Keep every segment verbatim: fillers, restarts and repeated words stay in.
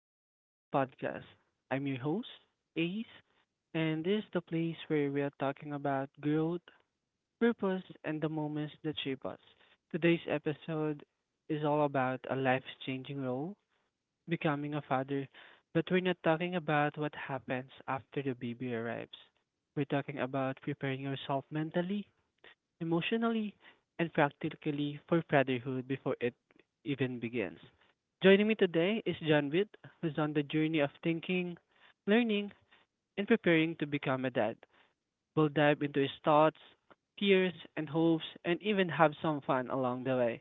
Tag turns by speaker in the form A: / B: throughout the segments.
A: of an Ace podcast. I'm your host, Ace, and this is the place where we are talking about growth, purpose, and the moments that shape us. Today's episode is all about a life changing role, becoming a father, but we're not talking about what happens after the baby arrives. We're talking about preparing yourself mentally emotionally, and practically for fatherhood before it even begins. Joining me today is John Witt, who's on the journey of thinking, learning, and preparing to become a dad. We'll dive into his thoughts, fears, and hopes, and even have some fun along the way.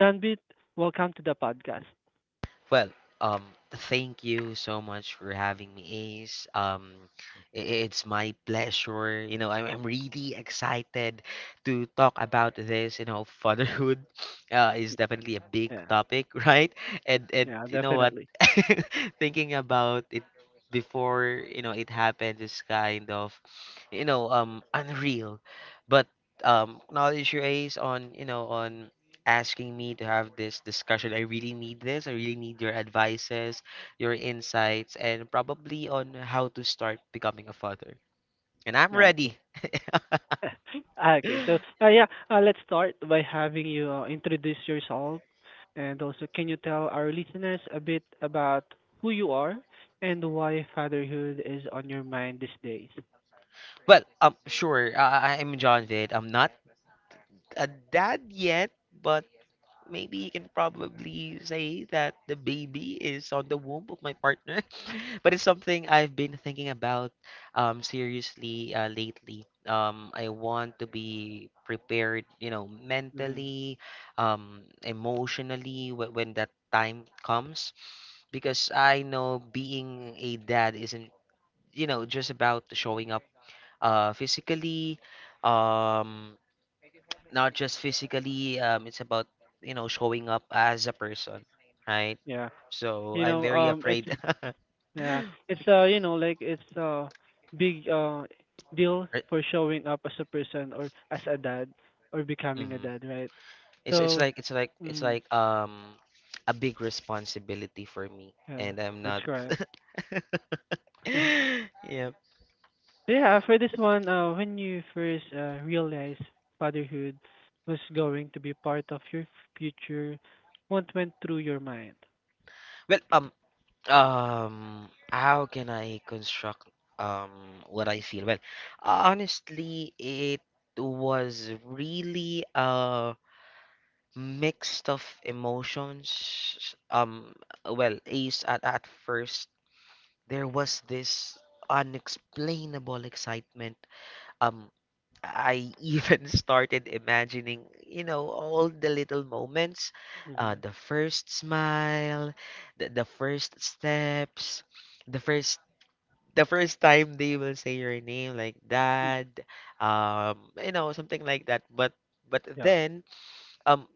A: John Witt, welcome to the podcast.
B: Well, um, Thank you so much for having me, Ace. Um, i- it's my pleasure. You know, I'm, I'm really excited to talk about this. You know, fatherhood uh, is definitely a big
A: Yeah,
B: topic, right? And and
A: yeah,
B: you know what?
A: definitely.
B: Thinking about it before you know it happened is kind of you know um unreal, but um, knowledge you Ace on you know on asking me to have this discussion. I really need this. I really need your advices, your insights, and probably on how to start becoming a father. And I'm ready.
A: Okay. So, uh, yeah, uh, let's start by having you uh, introduce yourself and also can you tell our listeners a bit about who you are and why fatherhood is on your mind these days?
B: Well, um, sure. Uh, I- I'm John Vid. I'm not a dad yet, but maybe you can probably say that the baby is on the womb of my partner but it's something I've been thinking about um seriously uh, lately. um I want to be prepared, you know,
A: Hmm.
B: mentally, um emotionally, w- when that time comes, because I know being a dad isn't, you know just about showing up uh physically. Um not just physically. Um, it's about, you know, showing up as a person, right?
A: Yeah.
B: So
A: You
B: I'm
A: know,
B: very
A: um it's
B: afraid.
A: yeah, it's uh you know like it's a big uh deal
B: Right,
A: for showing up as a person or as a dad or becoming a
B: mhm.
A: dad, right?
B: it's it's
A: So,
B: like it's like it's
A: mm,
B: like um a big responsibility for me
A: yeah,
B: and I'm
A: that's
B: not.
A: correct.
B: Yeah.
A: Yeah, for this one, uh, when you first uh, realized fatherhood was going to be part of your future, what went through your mind?
B: well um um how can I construct um what I feel? Well, honestly, it was really, um mixed of emotions. Um, well, Ace, at, at first there was this unexplainable excitement. Um, I even started imagining, you know, all the little moments, uh,
A: Mm-hmm.
B: the first smile, the, the first steps, the first the first time they will say your name, like dad, um, you know, something like that. But but
A: Yeah.
B: then um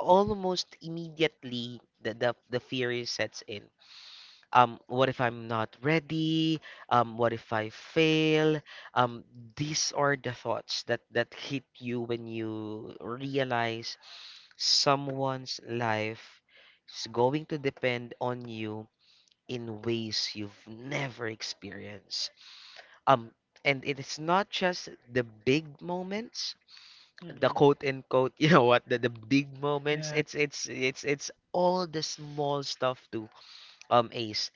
B: almost immediately, the, the the fear is sets in. Um what if I'm not ready? Um what if I fail? um these are the thoughts that that hit you when you realize someone's life is going to depend on you in ways you've never experienced. um and it is not just the big moments, the
A: Mm-hmm.
B: quote unquote you know what the, the big moments.
A: Yeah.
B: It's it's it's it's all the small stuff too. Um ace,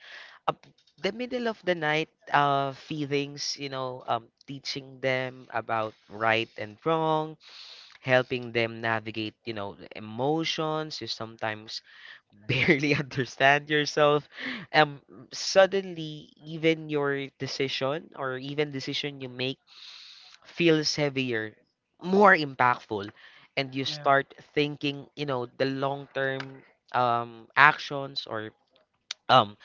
B: up the middle of the night, uh feelings, you know, um teaching them about right and wrong, helping them navigate, you know, the emotions you sometimes barely understand yourself. um Suddenly even your decision, or even decision you make feels heavier, more impactful, and you
A: Yeah.
B: start thinking, you know, the long term um, actions or um,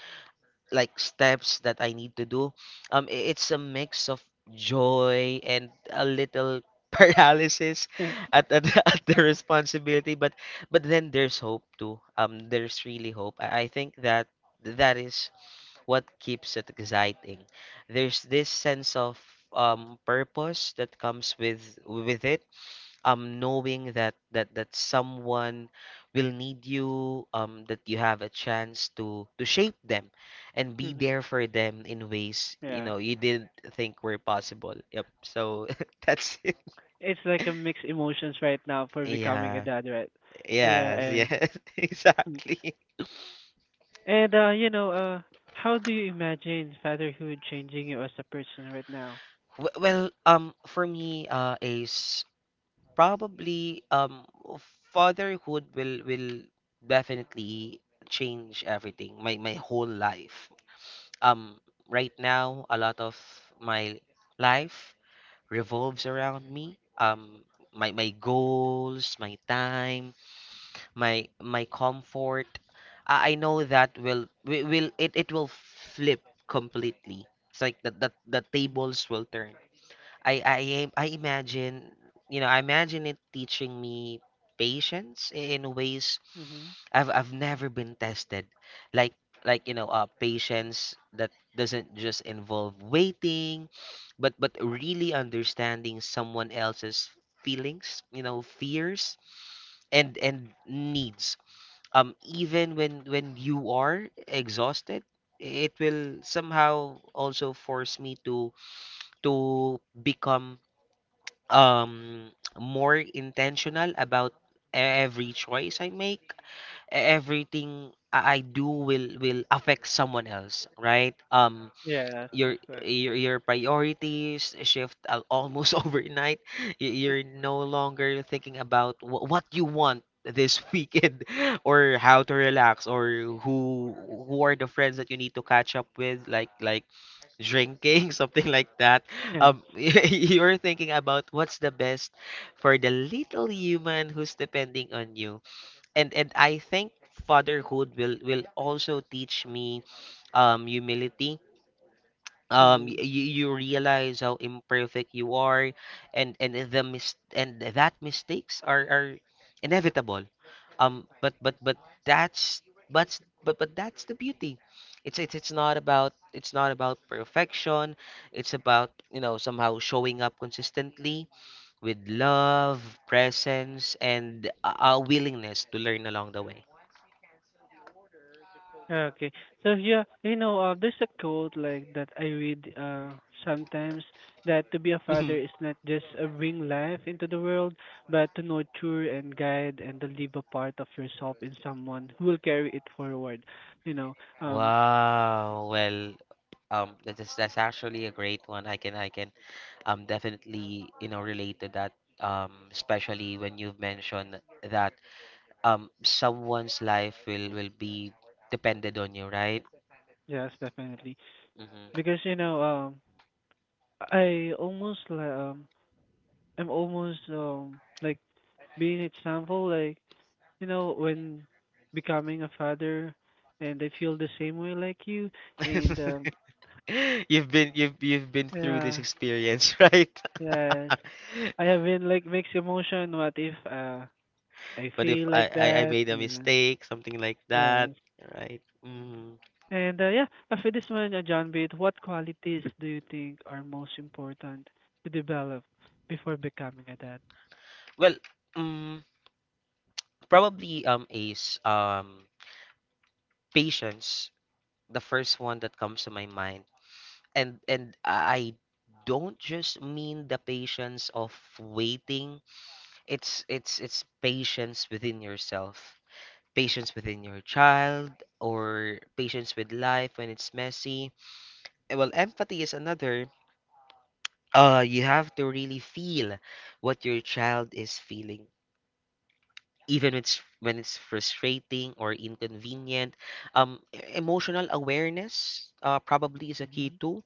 B: like steps that I need to do. Um, i- it's a mix of joy and a little paralysis
A: Yeah.
B: at, at, the- at the responsibility. But but then there's hope too. Um, there's really hope. I, I think that that is what keeps it exciting. There's this sense of um, purpose that comes with with it. Um, knowing that that that someone will need you. Um, that you have a chance to to shape them, and be
A: Mm-hmm.
B: there for them in ways you
A: Yeah.
B: know you didn't think were possible. Yep. So that's it.
A: It's like a mixed emotions right now for becoming a
B: Yeah.
A: dad, right? So yeah,
B: Yes.
A: and
B: Yes.
A: mm.
B: Exactly.
A: and uh, you know, uh, how do you imagine fatherhood changing you as a person right now?
B: W- Well, um, for me, uh, Ace. Probably um fatherhood will will definitely change everything. My my whole life. Um right now a lot of my life revolves around me. Um my my goals, my time, my my comfort. I, I know that will wi- will it, it will flip completely. It's like the, the the
A: Mm-hmm.
B: tables will turn. I I am- I imagine, you know, I imagine it teaching me patience i- in ways
A: Mm-hmm.
B: I've I've never been tested. Like like you know, uh, patience that doesn't just involve waiting, but but really understanding someone else's feelings, you know, fears and and needs. Um, even when when you are exhausted, it will somehow also force me to to become um more intentional about every choice I make. Everything I I do will will affect someone else, right? Um
A: Yes, that's
B: your
A: good.
B: your, your priorities shift al- almost overnight. Y-
A: Mm,
B: you're no longer thinking about wh- what you want this weekend, or how to relax, or who who are the friends that you need to catch up with, like like drinking something like that.
A: yeah.
B: Um you're thinking about what's the best for the little human who's depending on you. And and i think fatherhood will will also teach me um humility. Um
A: Mm-hmm.
B: you, you realize how imperfect you are and and the mis- and that mistakes are are inevitable. Um but but but that's but but but that's the beauty. It's it's it's not about it's not about perfection. It's about, you know, somehow showing up consistently with love, presence, and a a willingness to learn along the way.
A: Okay. So yeah, you know, uh, there's a quote like that I read uh sometimes that to be a father is not just uh, bring life into the world, but to nurture and guide and to leave a part of yourself in someone who will carry it forward. You know, um,
B: Wow. Well, um, that is that's actually a great one. I can I can um definitely, you know, relate to that. Um, especially when you've mentioned that um someone's life will will be depended on you, right?
A: yes, definitely.
B: Hmm.
A: Because you know, um, I almost li- um, I'm almost um like being example like you know, when becoming a father, and I feel the same way like you. And um,
B: You've been you've you've been through this
A: yeah,
B: experience, right?
A: yeah, I have been like mixed emotion. What if uh, I
B: But if
A: feel
B: I,
A: like
B: I I
A: that?
B: made a
A: Yeah,
B: mistake, something like that,
A: yeah.
B: right? Mm.
A: And uh, yeah, after this one, uh, John Bate, what qualities do you think are most important to develop before becoming a dad?
B: Well, mm, Probably, um Ace. Um, Patience, the first one that comes to my mind. And and I don't just mean the patience of waiting. It's it's it's patience within yourself. Patience within your child, or patience with life when it's messy. Eh, well, empathy is another. Uh, you have to really feel what your child is feeling. Even when it's when it's frustrating or inconvenient. Um, e- emotional awareness uh, probably is a key too.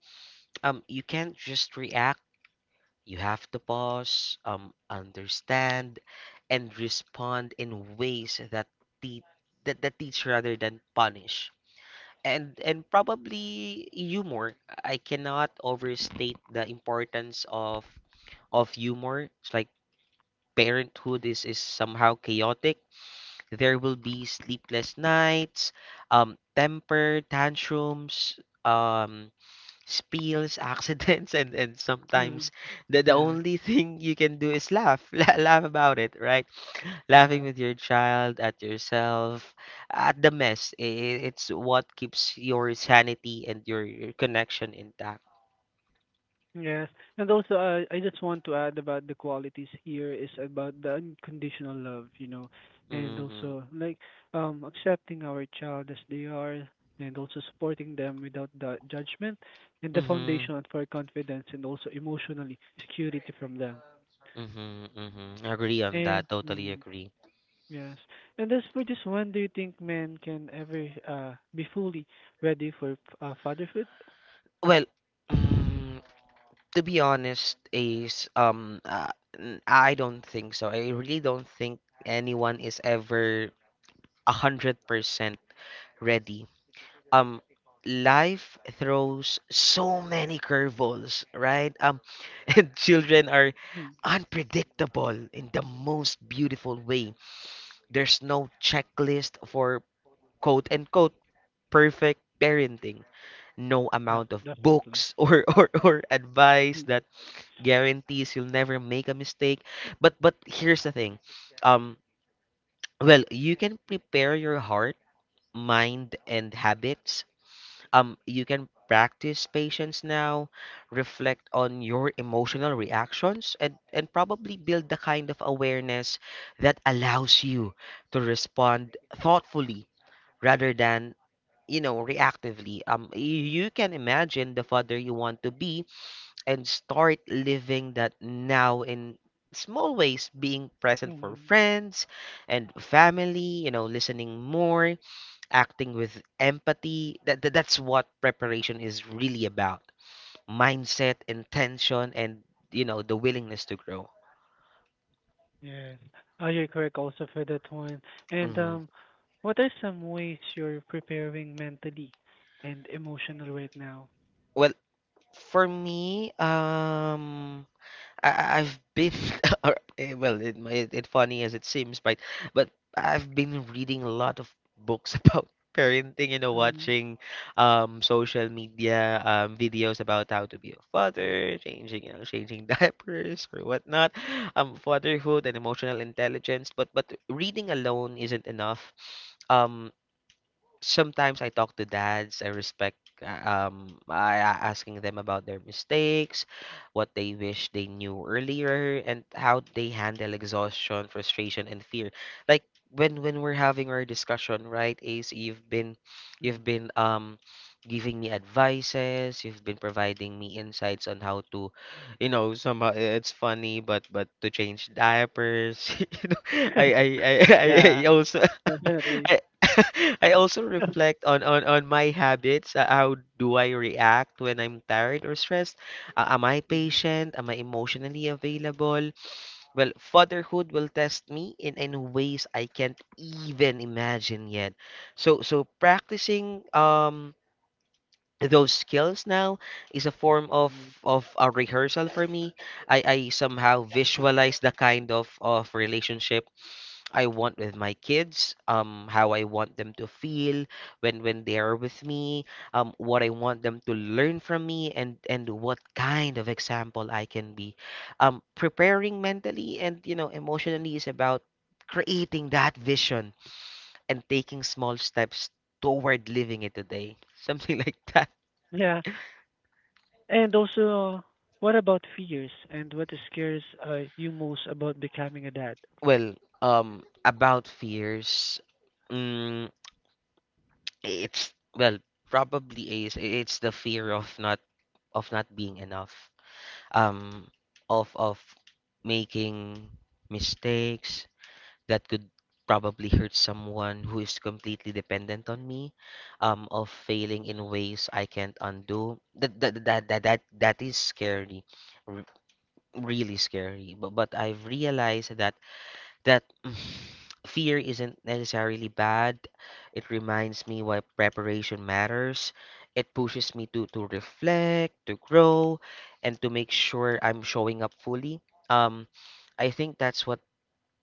B: um You can't just react. You have to pause, um understand, and respond in ways that te- that, that teach rather than punish. And and probably humor. I cannot overstate the importance of of humor. It's like parenthood is is somehow chaotic. There will be sleepless nights, um temper tantrums, um spills, accidents, and and
A: Mm-hmm.
B: sometimes the the
A: Yeah,
B: only thing you can do is laugh. La- laugh about it, right? Laughing
A: yeah.
B: with your child, at yourself, at the mess. I- i- It's what keeps your sanity and your, your connection intact.
A: Yes. And also, uh, I just want to add about the qualities here is about the unconditional love, you know, and
B: Mm-hmm.
A: also like um accepting our child as they are and also supporting them without the judgment and the
B: Mm-hmm.
A: foundation for confidence and also emotionally security from them.
B: Mm-hmm. Mm-hmm. Agree on
A: And
B: that. Totally
A: um,
B: agree.
A: yes. And as for this one, do you think men can ever uh be fully ready for uh, fatherhood?
B: Well, mm, to be honest, is um, uh, n- I don't think so. I really don't think anyone is ever a hundred percent ready. Um, Life throws so many curveballs, right? Um, and children are
A: Mm.
B: unpredictable in the most beautiful way. There's no checklist for quote unquote perfect parenting. No
A: Yeah,
B: amount of
A: definitely.
B: books, or, or, or advice, that guarantees you'll never make a mistake. But but here's the thing. Um well, you can prepare your heart, mind, and habits. Um, you can practice patience now, reflect on your emotional reactions, and and probably build the kind of awareness that allows you to respond thoughtfully rather than, you know, reactively. Um y- you can imagine the father you want to be and start living that now in small ways: being present for
A: Mm.
B: friends and family, you know, listening more, acting with empathy. That, that that's what preparation is really about. Mindset, intention, and, you know, the willingness to grow.
A: Yes. Oh, you're correct also for that one. And
B: Mhm.
A: um, what are some ways you're preparing mentally and emotional right now?
B: Well, for me, um, I, I've been, or, eh, well, it, may- it funny as it seems, but but I've been reading a lot of books about parenting, you know,
A: Mhm.
B: watching um social media um videos about how to be a father, changing, you know, changing diapers or whatnot, um, fatherhood and emotional intelligence. But but reading alone isn't enough. Um, Sometimes I talk to dads I respect. Uh, um I I- asking them about their mistakes, what they wish they knew earlier, and how they handle exhaustion, frustration, and fear. Like when when we're having our discussion, right, Ace, you've been you've
A: Mhm.
B: been um giving me advices, you've been providing me insights on how to, you know, somehow, i- it's funny, but but to change diapers, you know, I I I I
A: Yeah,
B: also.
A: definitely.
B: I, I also reflect on, on, on my habits. uh, How do I react when I'm tired or stressed? Uh, am I
A: Mhm.
B: patient? Am I emotionally available? Well, fatherhood will test me in, in ways I can't even imagine yet. So so practicing um those skills now is a form of
A: Mhm.
B: of a rehearsal for me. I, I somehow visualize the kind of, of relationship I want with my kids, um, how I want them to feel when when they are with me, um, what I want them to learn from me, and and what kind of example I can be. Um, preparing mentally and, you know, emotionally is about creating that vision and taking small steps toward living it today, something like that.
A: Yeah. And also, what about fears and what scares uh, you most about becoming a dad?
B: Well, um, about fears. Mm, It's, well, probably is, it's the fear of not of not being enough. Um of of making mistakes that could probably hurt someone who is completely dependent on me, um of failing in ways I can't undo. That that that that that, that is scary. r- Really scary. But but I've realized that that mm, fear isn't necessarily bad. It reminds me why preparation matters. It pushes me to, to reflect, to grow, and to make sure I'm showing up fully. Um, I think that's what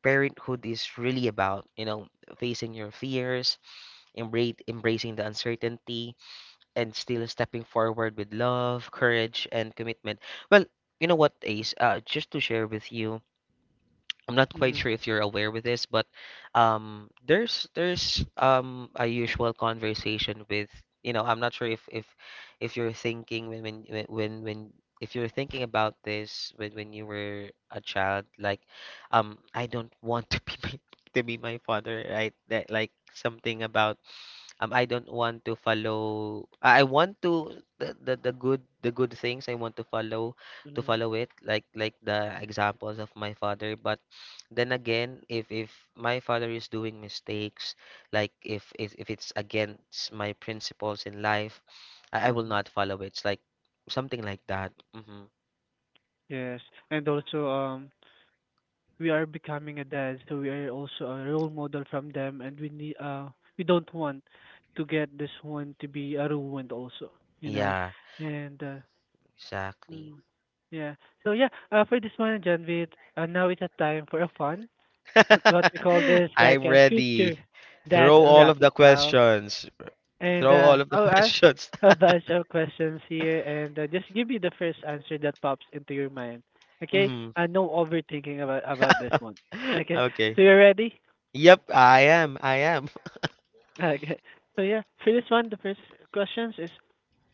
B: parenthood is really about, you know, facing your fears, embrace, embracing the uncertainty, and still stepping forward with love, courage, and commitment. Well, you know what, Ace, uh, just to share with you, I'm not quite
A: Mhm.
B: sure if you're aware with this, but um, there's there's um a usual conversation with you know I'm not sure if if if you're thinking when when when when when- if you're thinking about this when when you were a child like um I don't want to be my, to be my father, right? That like something about um, I don't want to follow. I I want to the, the the good the good things I want to follow to follow it like like the examples of my father. But then again, if if my father is doing mistakes, like if if, if it's against my principles in life, I, I will
A: Mm-hmm.
B: not follow it. It's like something like that. hmm
A: Yes. And also, um, we are becoming a dad, so we are also a role model from them, and we need uh we don't want to get this one to be uh, ruined also, you know,
B: Yeah,
A: and uh,
B: exactly.
A: mm, yeah. So yeah, uh, for this one, Janvit, uh, now it's a time for a fun, what we call this like
B: I'm
A: a future
B: ready.
A: dad
B: Throw all of
A: rapid
B: the
A: pal.
B: questions.
A: And
B: Throw
A: uh,
B: all of the
A: I'll ask
B: questions.
A: a bunch of questions here and uh, just give me the first answer that pops into your mind. Okay?
B: Mhm.
A: And no overthinking about about this one. Okay?
B: Okay.
A: So you're ready?
B: Yep, I am. I am.
A: Okay. So yeah, for this one, the first questions is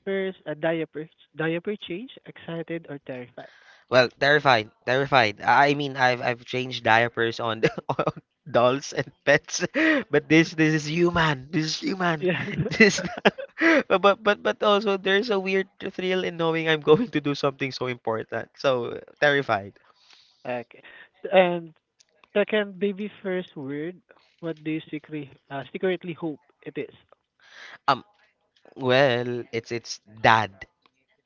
A: first a diaper diaper change, excited or terrified?
B: Well, terrified. Terrified. I I mean, I've I've changed diapers on, on dolls and pets, but this this is human. This is human.
A: Yeah.
B: This is not- but but but but also there's a weird thrill in knowing I'm going to do something so important. So terrified.
A: Okay. S- And second, baby first word. What do you secretly uh, secretly hope it is?
B: Um, well, it's it's dad.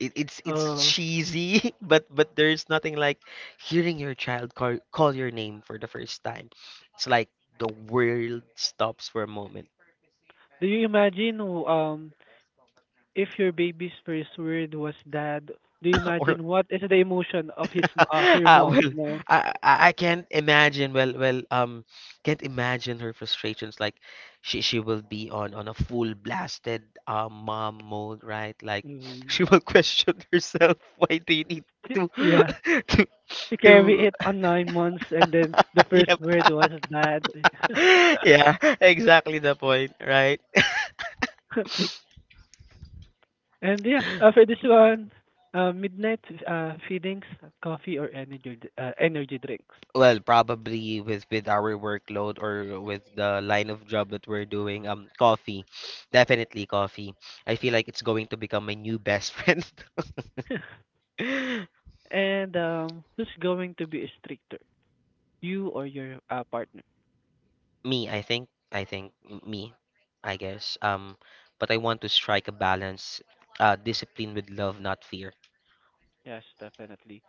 B: it, it's it's
A: Uh,
B: cheesy, but but there's nothing like hearing your child call call your name for the first time. It's like the world stops for a moment.
A: do you imagine um if your baby's first word was dad, do you
B: or
A: imagine what is the emotion of his m- uh, her
B: uh,
A: mom?
B: well,
A: You know,
B: I, I I can't imagine. Well, well, um, can't imagine her frustrations. Like she she will be on on a full blasted uh, mom mode, right? Like
A: mm.
B: she will question herself. Why do you need
A: Y-
B: to
A: yeah,
B: to
A: she carried
B: to
A: it on nine months, and then the first
B: yeah,
A: word was dad.
B: yeah, exactly the point, right?
A: And yeah, uh, for this one, uh, midnight uh, feedings, coffee or energy d- uh, energy drinks.
B: Well, probably with with our workload or with the line of job that we're doing, um, coffee, definitely coffee. I feel like it's going to become my new best friend.
A: And um, who's going to be stricter, you or your uh, partner?
B: Me, I think, I think m- me, I guess. Um, but I want to strike a balance, uh, discipline with love, not fear.
A: Yes, definitely.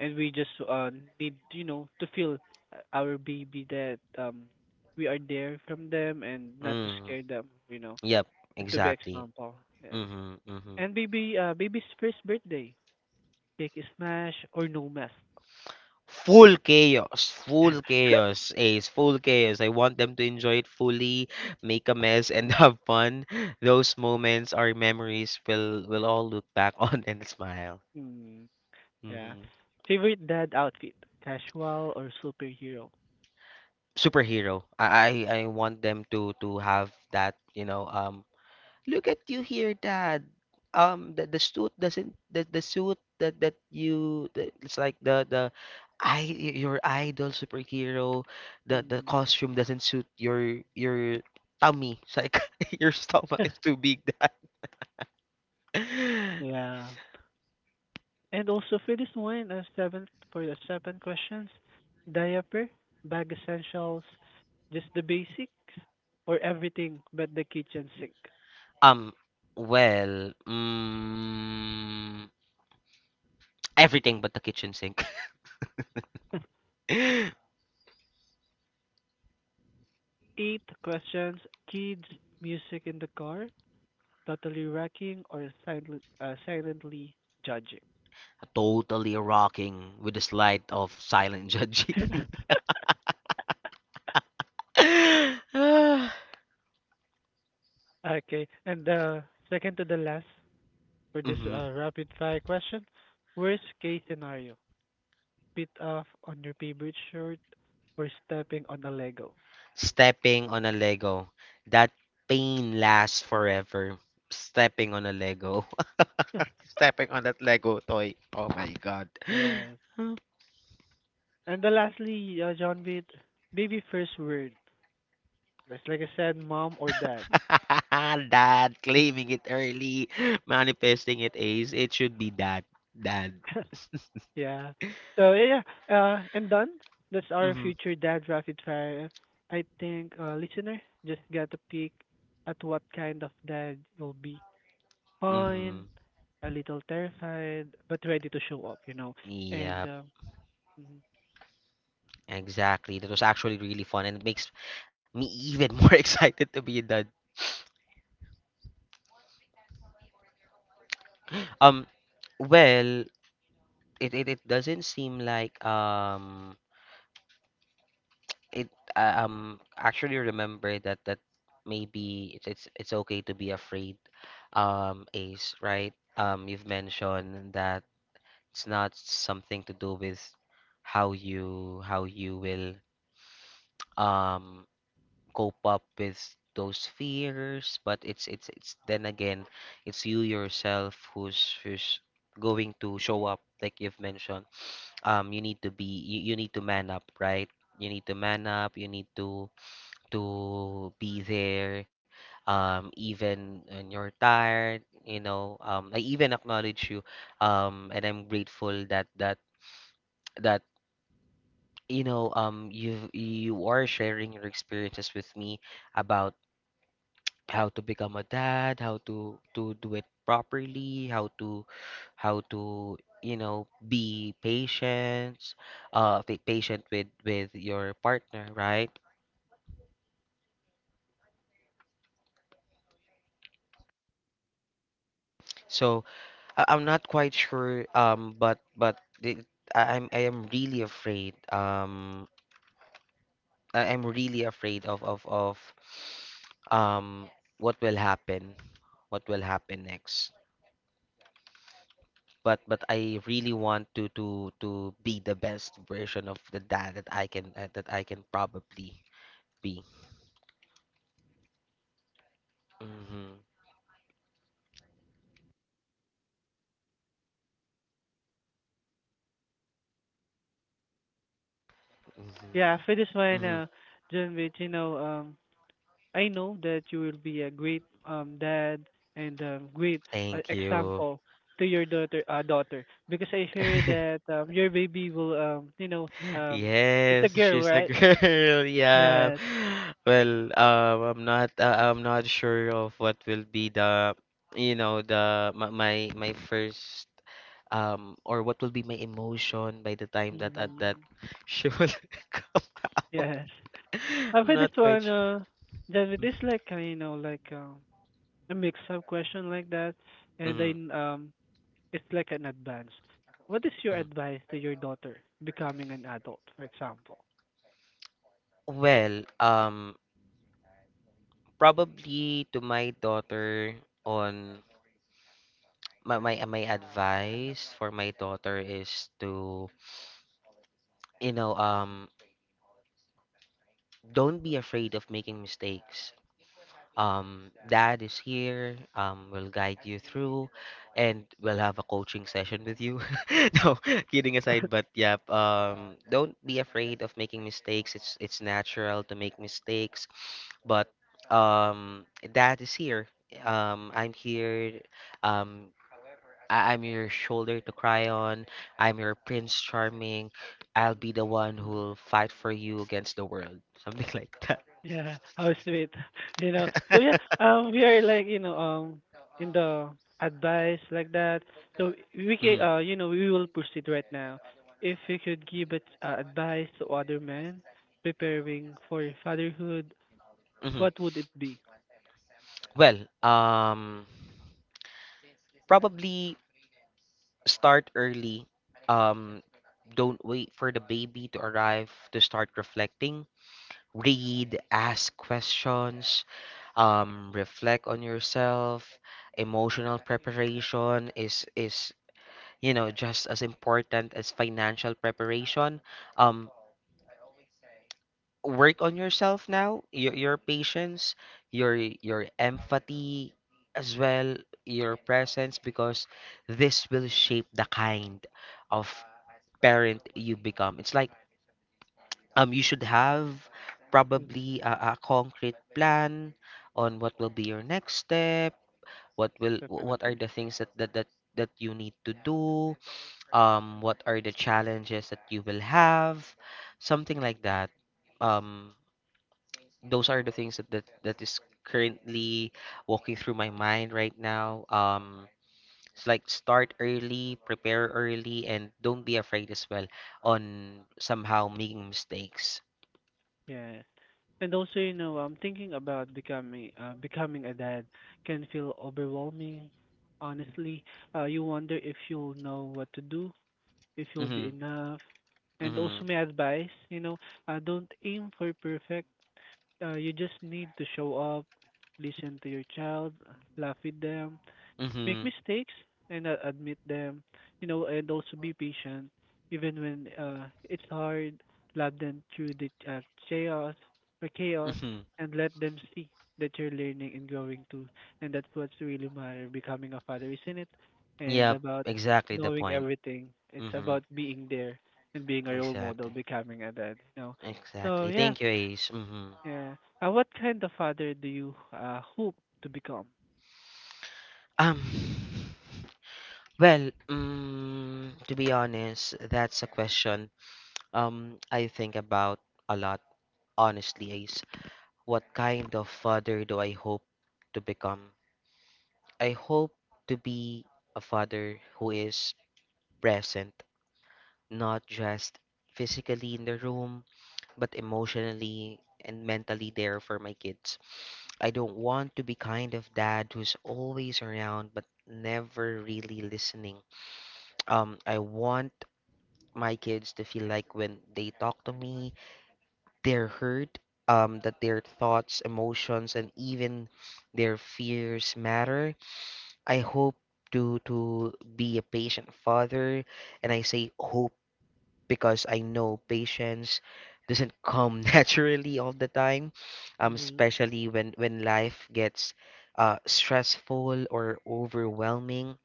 A: And we just uh need you know to feel uh, our baby that um we are there from them and not to
B: Mm,
A: scare them you know
B: yep,
A: and to be
B: exactly.
A: example yes
B: Mm-hmm, mm-hmm.
A: and baby uh baby's first birthday cake is smash or no mess.
B: Full chaos, full chaos, Ace, full chaos. I want them to enjoy it fully, make a mess, and
A: Mm,
B: have fun. Those moments, our memories, will will all look back on and smile.
A: mm, yeah.
B: Hmm.
A: Favorite dad outfit, casual or superhero?
B: Superhero. I, I I want them to to have that, you know, um, look at you here, Dad. Um, the, the suit doesn't the, the suit that that you the, it's like the the I your idol superhero, the the
A: Mm.
B: costume doesn't suit your your tummy. It's like your stomach is too big, Dad.
A: Yeah. And also for this one, uh, seventh for the seven questions, diaper, bag essentials, just the basics, or everything but the kitchen sink.
B: Um, well, mm, everything but the kitchen sink.
A: Eight questions, kids, music in the car, totally wrecking or silent, uh, silently judging.
B: Totally rocking with the slide of silent judging.
A: Okay, and uh, second to the last for this
B: Hmm.
A: uh, rapid fire question, worst case scenario, spit off on your favorite shirt or stepping on a Lego.
B: Stepping on a Lego. That pain lasts forever. Stepping on a Lego. Stepping on that Lego toy. Oh my god.
A: Yes. And the lastly, uh, John Beat, baby first word. Just like I said, mom or dad.
B: Dad, claiming it early, manifesting it, ace. It should be that. Dad.
A: Yeah. So yeah, uh, and done. That's our
B: Mm-hmm.
A: future dad rapid fire. I think uh, listener just got to pick at what kind of dad you'll be. Fine,
B: Mm-hmm.
A: a little terrified, but ready to show up. You know. And
B: Yep,
A: um, mhm.
B: exactly. That was actually really fun and it makes me even more excited to be a dad. Um, well, it, it, it doesn't seem like um it I, um actually remember that that maybe it's it's it's okay to be afraid, um Ace, right? Um you've mentioned that it's not something to do with how you how you will um cope up with those fears, but it's it's it's then again it's you yourself who's who's going to show up, like you've mentioned. Um you need to be, you, you need to man up, right? You need to man up, you need to to be there, um, even when you're tired. You know, um, I even acknowledge you, um, and I'm grateful that that that you know um you you are sharing your experiences with me about how to become a dad, how to to do it properly, how to how to you know be patient, uh, be patient with with your partner, right? So I- I'm not quite sure, um, but but the, I- I'm I am really afraid. Um, I- am really afraid of of of um what will happen, what will happen next. But but I really want to to to be the best version of the dad that I can uh, that I can probably be. Mm-hmm,
A: Yeah,
B: mm-hmm,
A: for this one,
B: mm-hmm.
A: uh, John Beat, you know, um, I know that you will be a great um dad and a great uh,
B: Thank you.
A: example to your daughter uh, daughter because I hear that um, your baby will um you know um it's a
B: Yes,
A: girl
B: she's a girl.
A: right
B: Yeah.
A: yes.
B: Well, um, I'm not. Uh, I'm not sure of what will be the, you know, the my my my first um or what will be my emotion by the time that uh, that
A: Hmm.
B: she will come.
A: Yes. uh,
B: I'm
A: for this
B: not
A: one
B: quite
A: uh then it
B: sure.
A: is like uh, you know like um a mix up question like that and
B: Mm-hmm.
A: then um it's like an advance. What is your
B: Hmm.
A: advice to your daughter becoming an adult for example?
B: Well, um, probably to my daughter on my my my advice for my daughter is to you know um don't be afraid of making mistakes. Um, dad is here, um, will guide you through, and we'll have a coaching session with you. No, kidding aside, but yeah, um, don't be afraid of making mistakes. It's it's natural to make mistakes, but um, dad is here. Um, I'm here. Um, I- I'm your shoulder to cry on. I'm your Prince Charming. I'll be the one who'll fight for you against the world. Something like that.
A: Yeah, how sweet. You know, so yeah, um, we are like, you know, um, in the advice like that. So we can,
B: Hmm.
A: uh, you know, we will proceed right now. If you could give it, uh, advice to other men preparing for fatherhood, what
B: Hmm.
A: would it be?
B: Well, um, probably start early. Um, don't wait for the baby to arrive to start reflecting. Read, ask questions, um, reflect on yourself. Emotional preparation is is you know just as important as financial preparation. Um, work on yourself now. Your your patience, your your empathy, as well your presence, because this will shape the kind of parent you become. It's like um you should have
A: Mm-hmm.
B: probably a, a concrete plan on what will be your next step, what will wh- what are
A: Definitely.
B: the things that that that, that you need to do, um what are the challenges that you will have, something like that. Um those are the things that, that that is currently walking through my mind right now, um it's like start early, prepare early, and don't be afraid as well on somehow making mistakes.
A: Yeah. And also, you know, um, thinking about becoming, uh, becoming a dad can feel overwhelming. Honestly, uh, you wonder if you'll know what to do if you'll be
B: Mm-hmm,
A: enough. And
B: mm-hmm,
A: also my advice, you know, uh, don't aim for perfect. Uh, you just need to show up, listen to your child, laugh with them, make
B: mm-hmm,
A: mistakes and uh, admit them, you know, and also be patient even when uh, it's hard. Love them through the uh, chaos or chaos
B: mm-hmm.
A: and let them see that you're learning and growing too. And that's what's really matter. Becoming a father, isn't it? And
B: Yeah,
A: about
B: exactly the
A: knowing
B: point.
A: everything. It's
B: Mm-hmm.
A: about being there and being a role model,
B: Exactly,
A: becoming a dad. You know. So
B: exactly,
A: yeah,
B: thank you, Ace. Mm-hmm.
A: yeah. Uh, what kind of father do you uh, hope to become?
B: um well, mm, to be honest, that's a question um I think about a lot. Honestly, Ace, what kind of father do I hope to become? I hope to be a father who is present, not just physically in the room, but emotionally and mentally there for my kids. I don't want to be kind of dad who's always around but never really listening. Um, I want my kids to feel like when they talk to me, their hurt, um, that their thoughts, emotions, and even their fears matter. I hope to to be a patient father, and I say hope because I know patience doesn't come naturally all the time, um,
A: Mm-hmm.
B: especially when when life gets uh, stressful or overwhelming.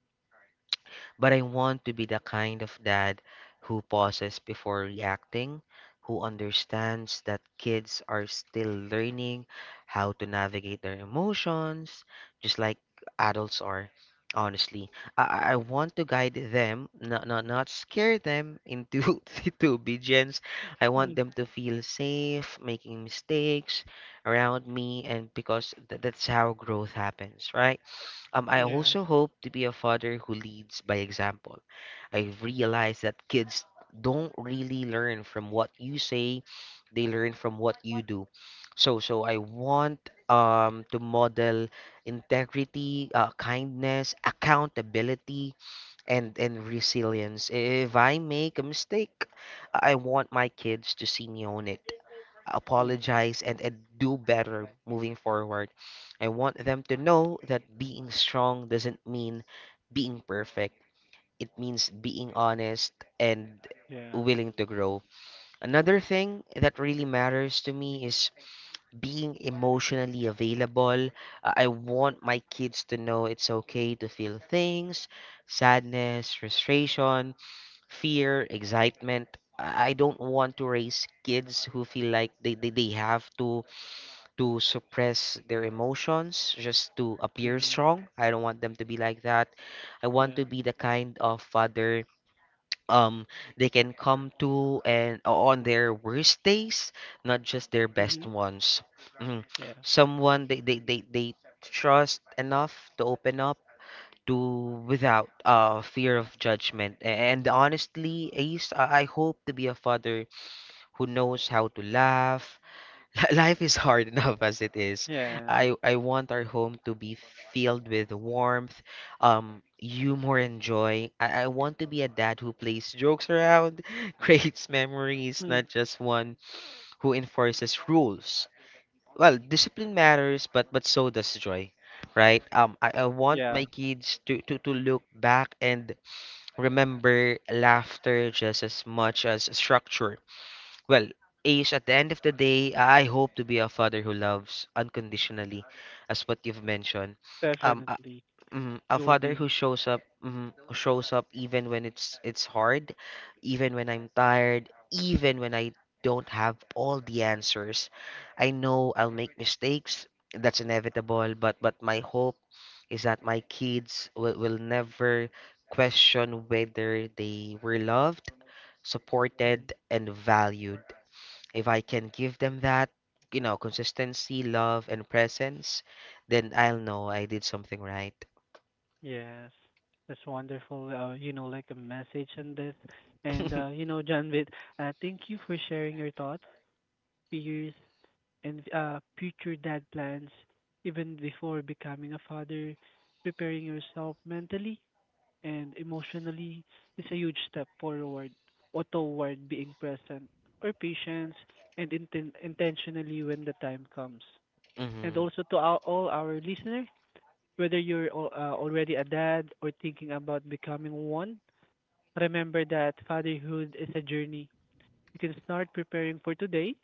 B: But I want to be the kind of dad who pauses before reacting, who understands that kids are still learning how to navigate their emotions, just like adults are. Honestly, I, I I want to guide them, not, not, not scare them into into obedience. I want them to feel safe making mistakes around me, and because th- that's how growth happens, right? Um, I
A: Yes.
B: also hope to be a father who leads by example. I've realized that kids don't really learn from what you say, they learn from what you do. So, so I want um to model integrity, uh, kindness, accountability, and and resilience. If I make a mistake, I want my kids to see me own it,
A: Mhm.
B: apologize, and, and do better moving forward. I want them to know that being strong doesn't mean being perfect. It means being honest and
A: Yeah.
B: willing to grow. Another thing that really matters to me is being emotionally available. Uh, I want my kids to know it's okay to feel things, sadness, frustration, fear, excitement. I I don't want to raise kids who feel like they, they, they have to to suppress their emotions just to appear
A: Mhm.
B: strong. I don't want them to be like that. I want
A: Yeah.
B: to be the kind of father um they can come to and on their worst days, not just their best
A: Mhm.
B: ones. Mhm.
A: Yeah.
B: Someone they, they, they, they trust enough to open up to without uh fear of judgment. A- And honestly, Ace, I I hope to be a father who knows how to laugh. Li- Life is hard enough as it is.
A: Yeah.
B: I I want our home to be filled with warmth, um, humor, and joy. I, I want to be a dad who plays jokes around, creates memories,
A: Mm.
B: not just one who enforces rules. Well, discipline matters, but but so does joy, right? Um, I, I want
A: Yeah.
B: my kids to, to to look back and remember laughter just as much as structure. Well, Ace, at the end of the day, I hope to be a father who loves unconditionally, as what you've mentioned. Um, a,
A: Definitely,
B: mm, a
A: you'll
B: father
A: be.
B: who shows up, mm, who shows up even when it's it's hard, even when I'm tired, even when I don't have all the answers. I know I'll make mistakes. That's inevitable. But but my hope is that my kids will, will never question whether they were loved,
A: Mhm.
B: supported, and valued. If I can give them that, you know, consistency, love, and presence, then I'll know I did something right.
A: Yes, that's wonderful. Uh, you know, like a message in this, and uh, you know, Janvit, uh, thank you for sharing your thoughts, fears, and uh, future dad plans. Even before becoming a father, preparing yourself mentally and emotionally is a huge step forward or toward being present or patience and inten- intentionally when the time comes. And
B: Hmm.
A: also to our, all our listeners, whether you're al- uh, already a dad or thinking about becoming one, remember that fatherhood is a journey. You can start preparing for today,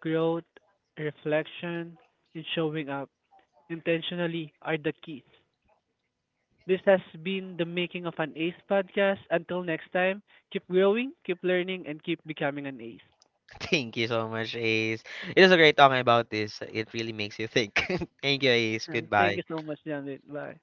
A: growth, reflection, and showing up intentionally are the keys. This has been the making of an ace podcast. Until next time, keep growing, keep learning, and keep becoming an ace.
B: Thank you so much, Ace. It was a great talking about this. It really makes you think. Thank you, Ace.
A: Yeah. Thank
B: Goodbye.
A: you so much, Janet. Bye.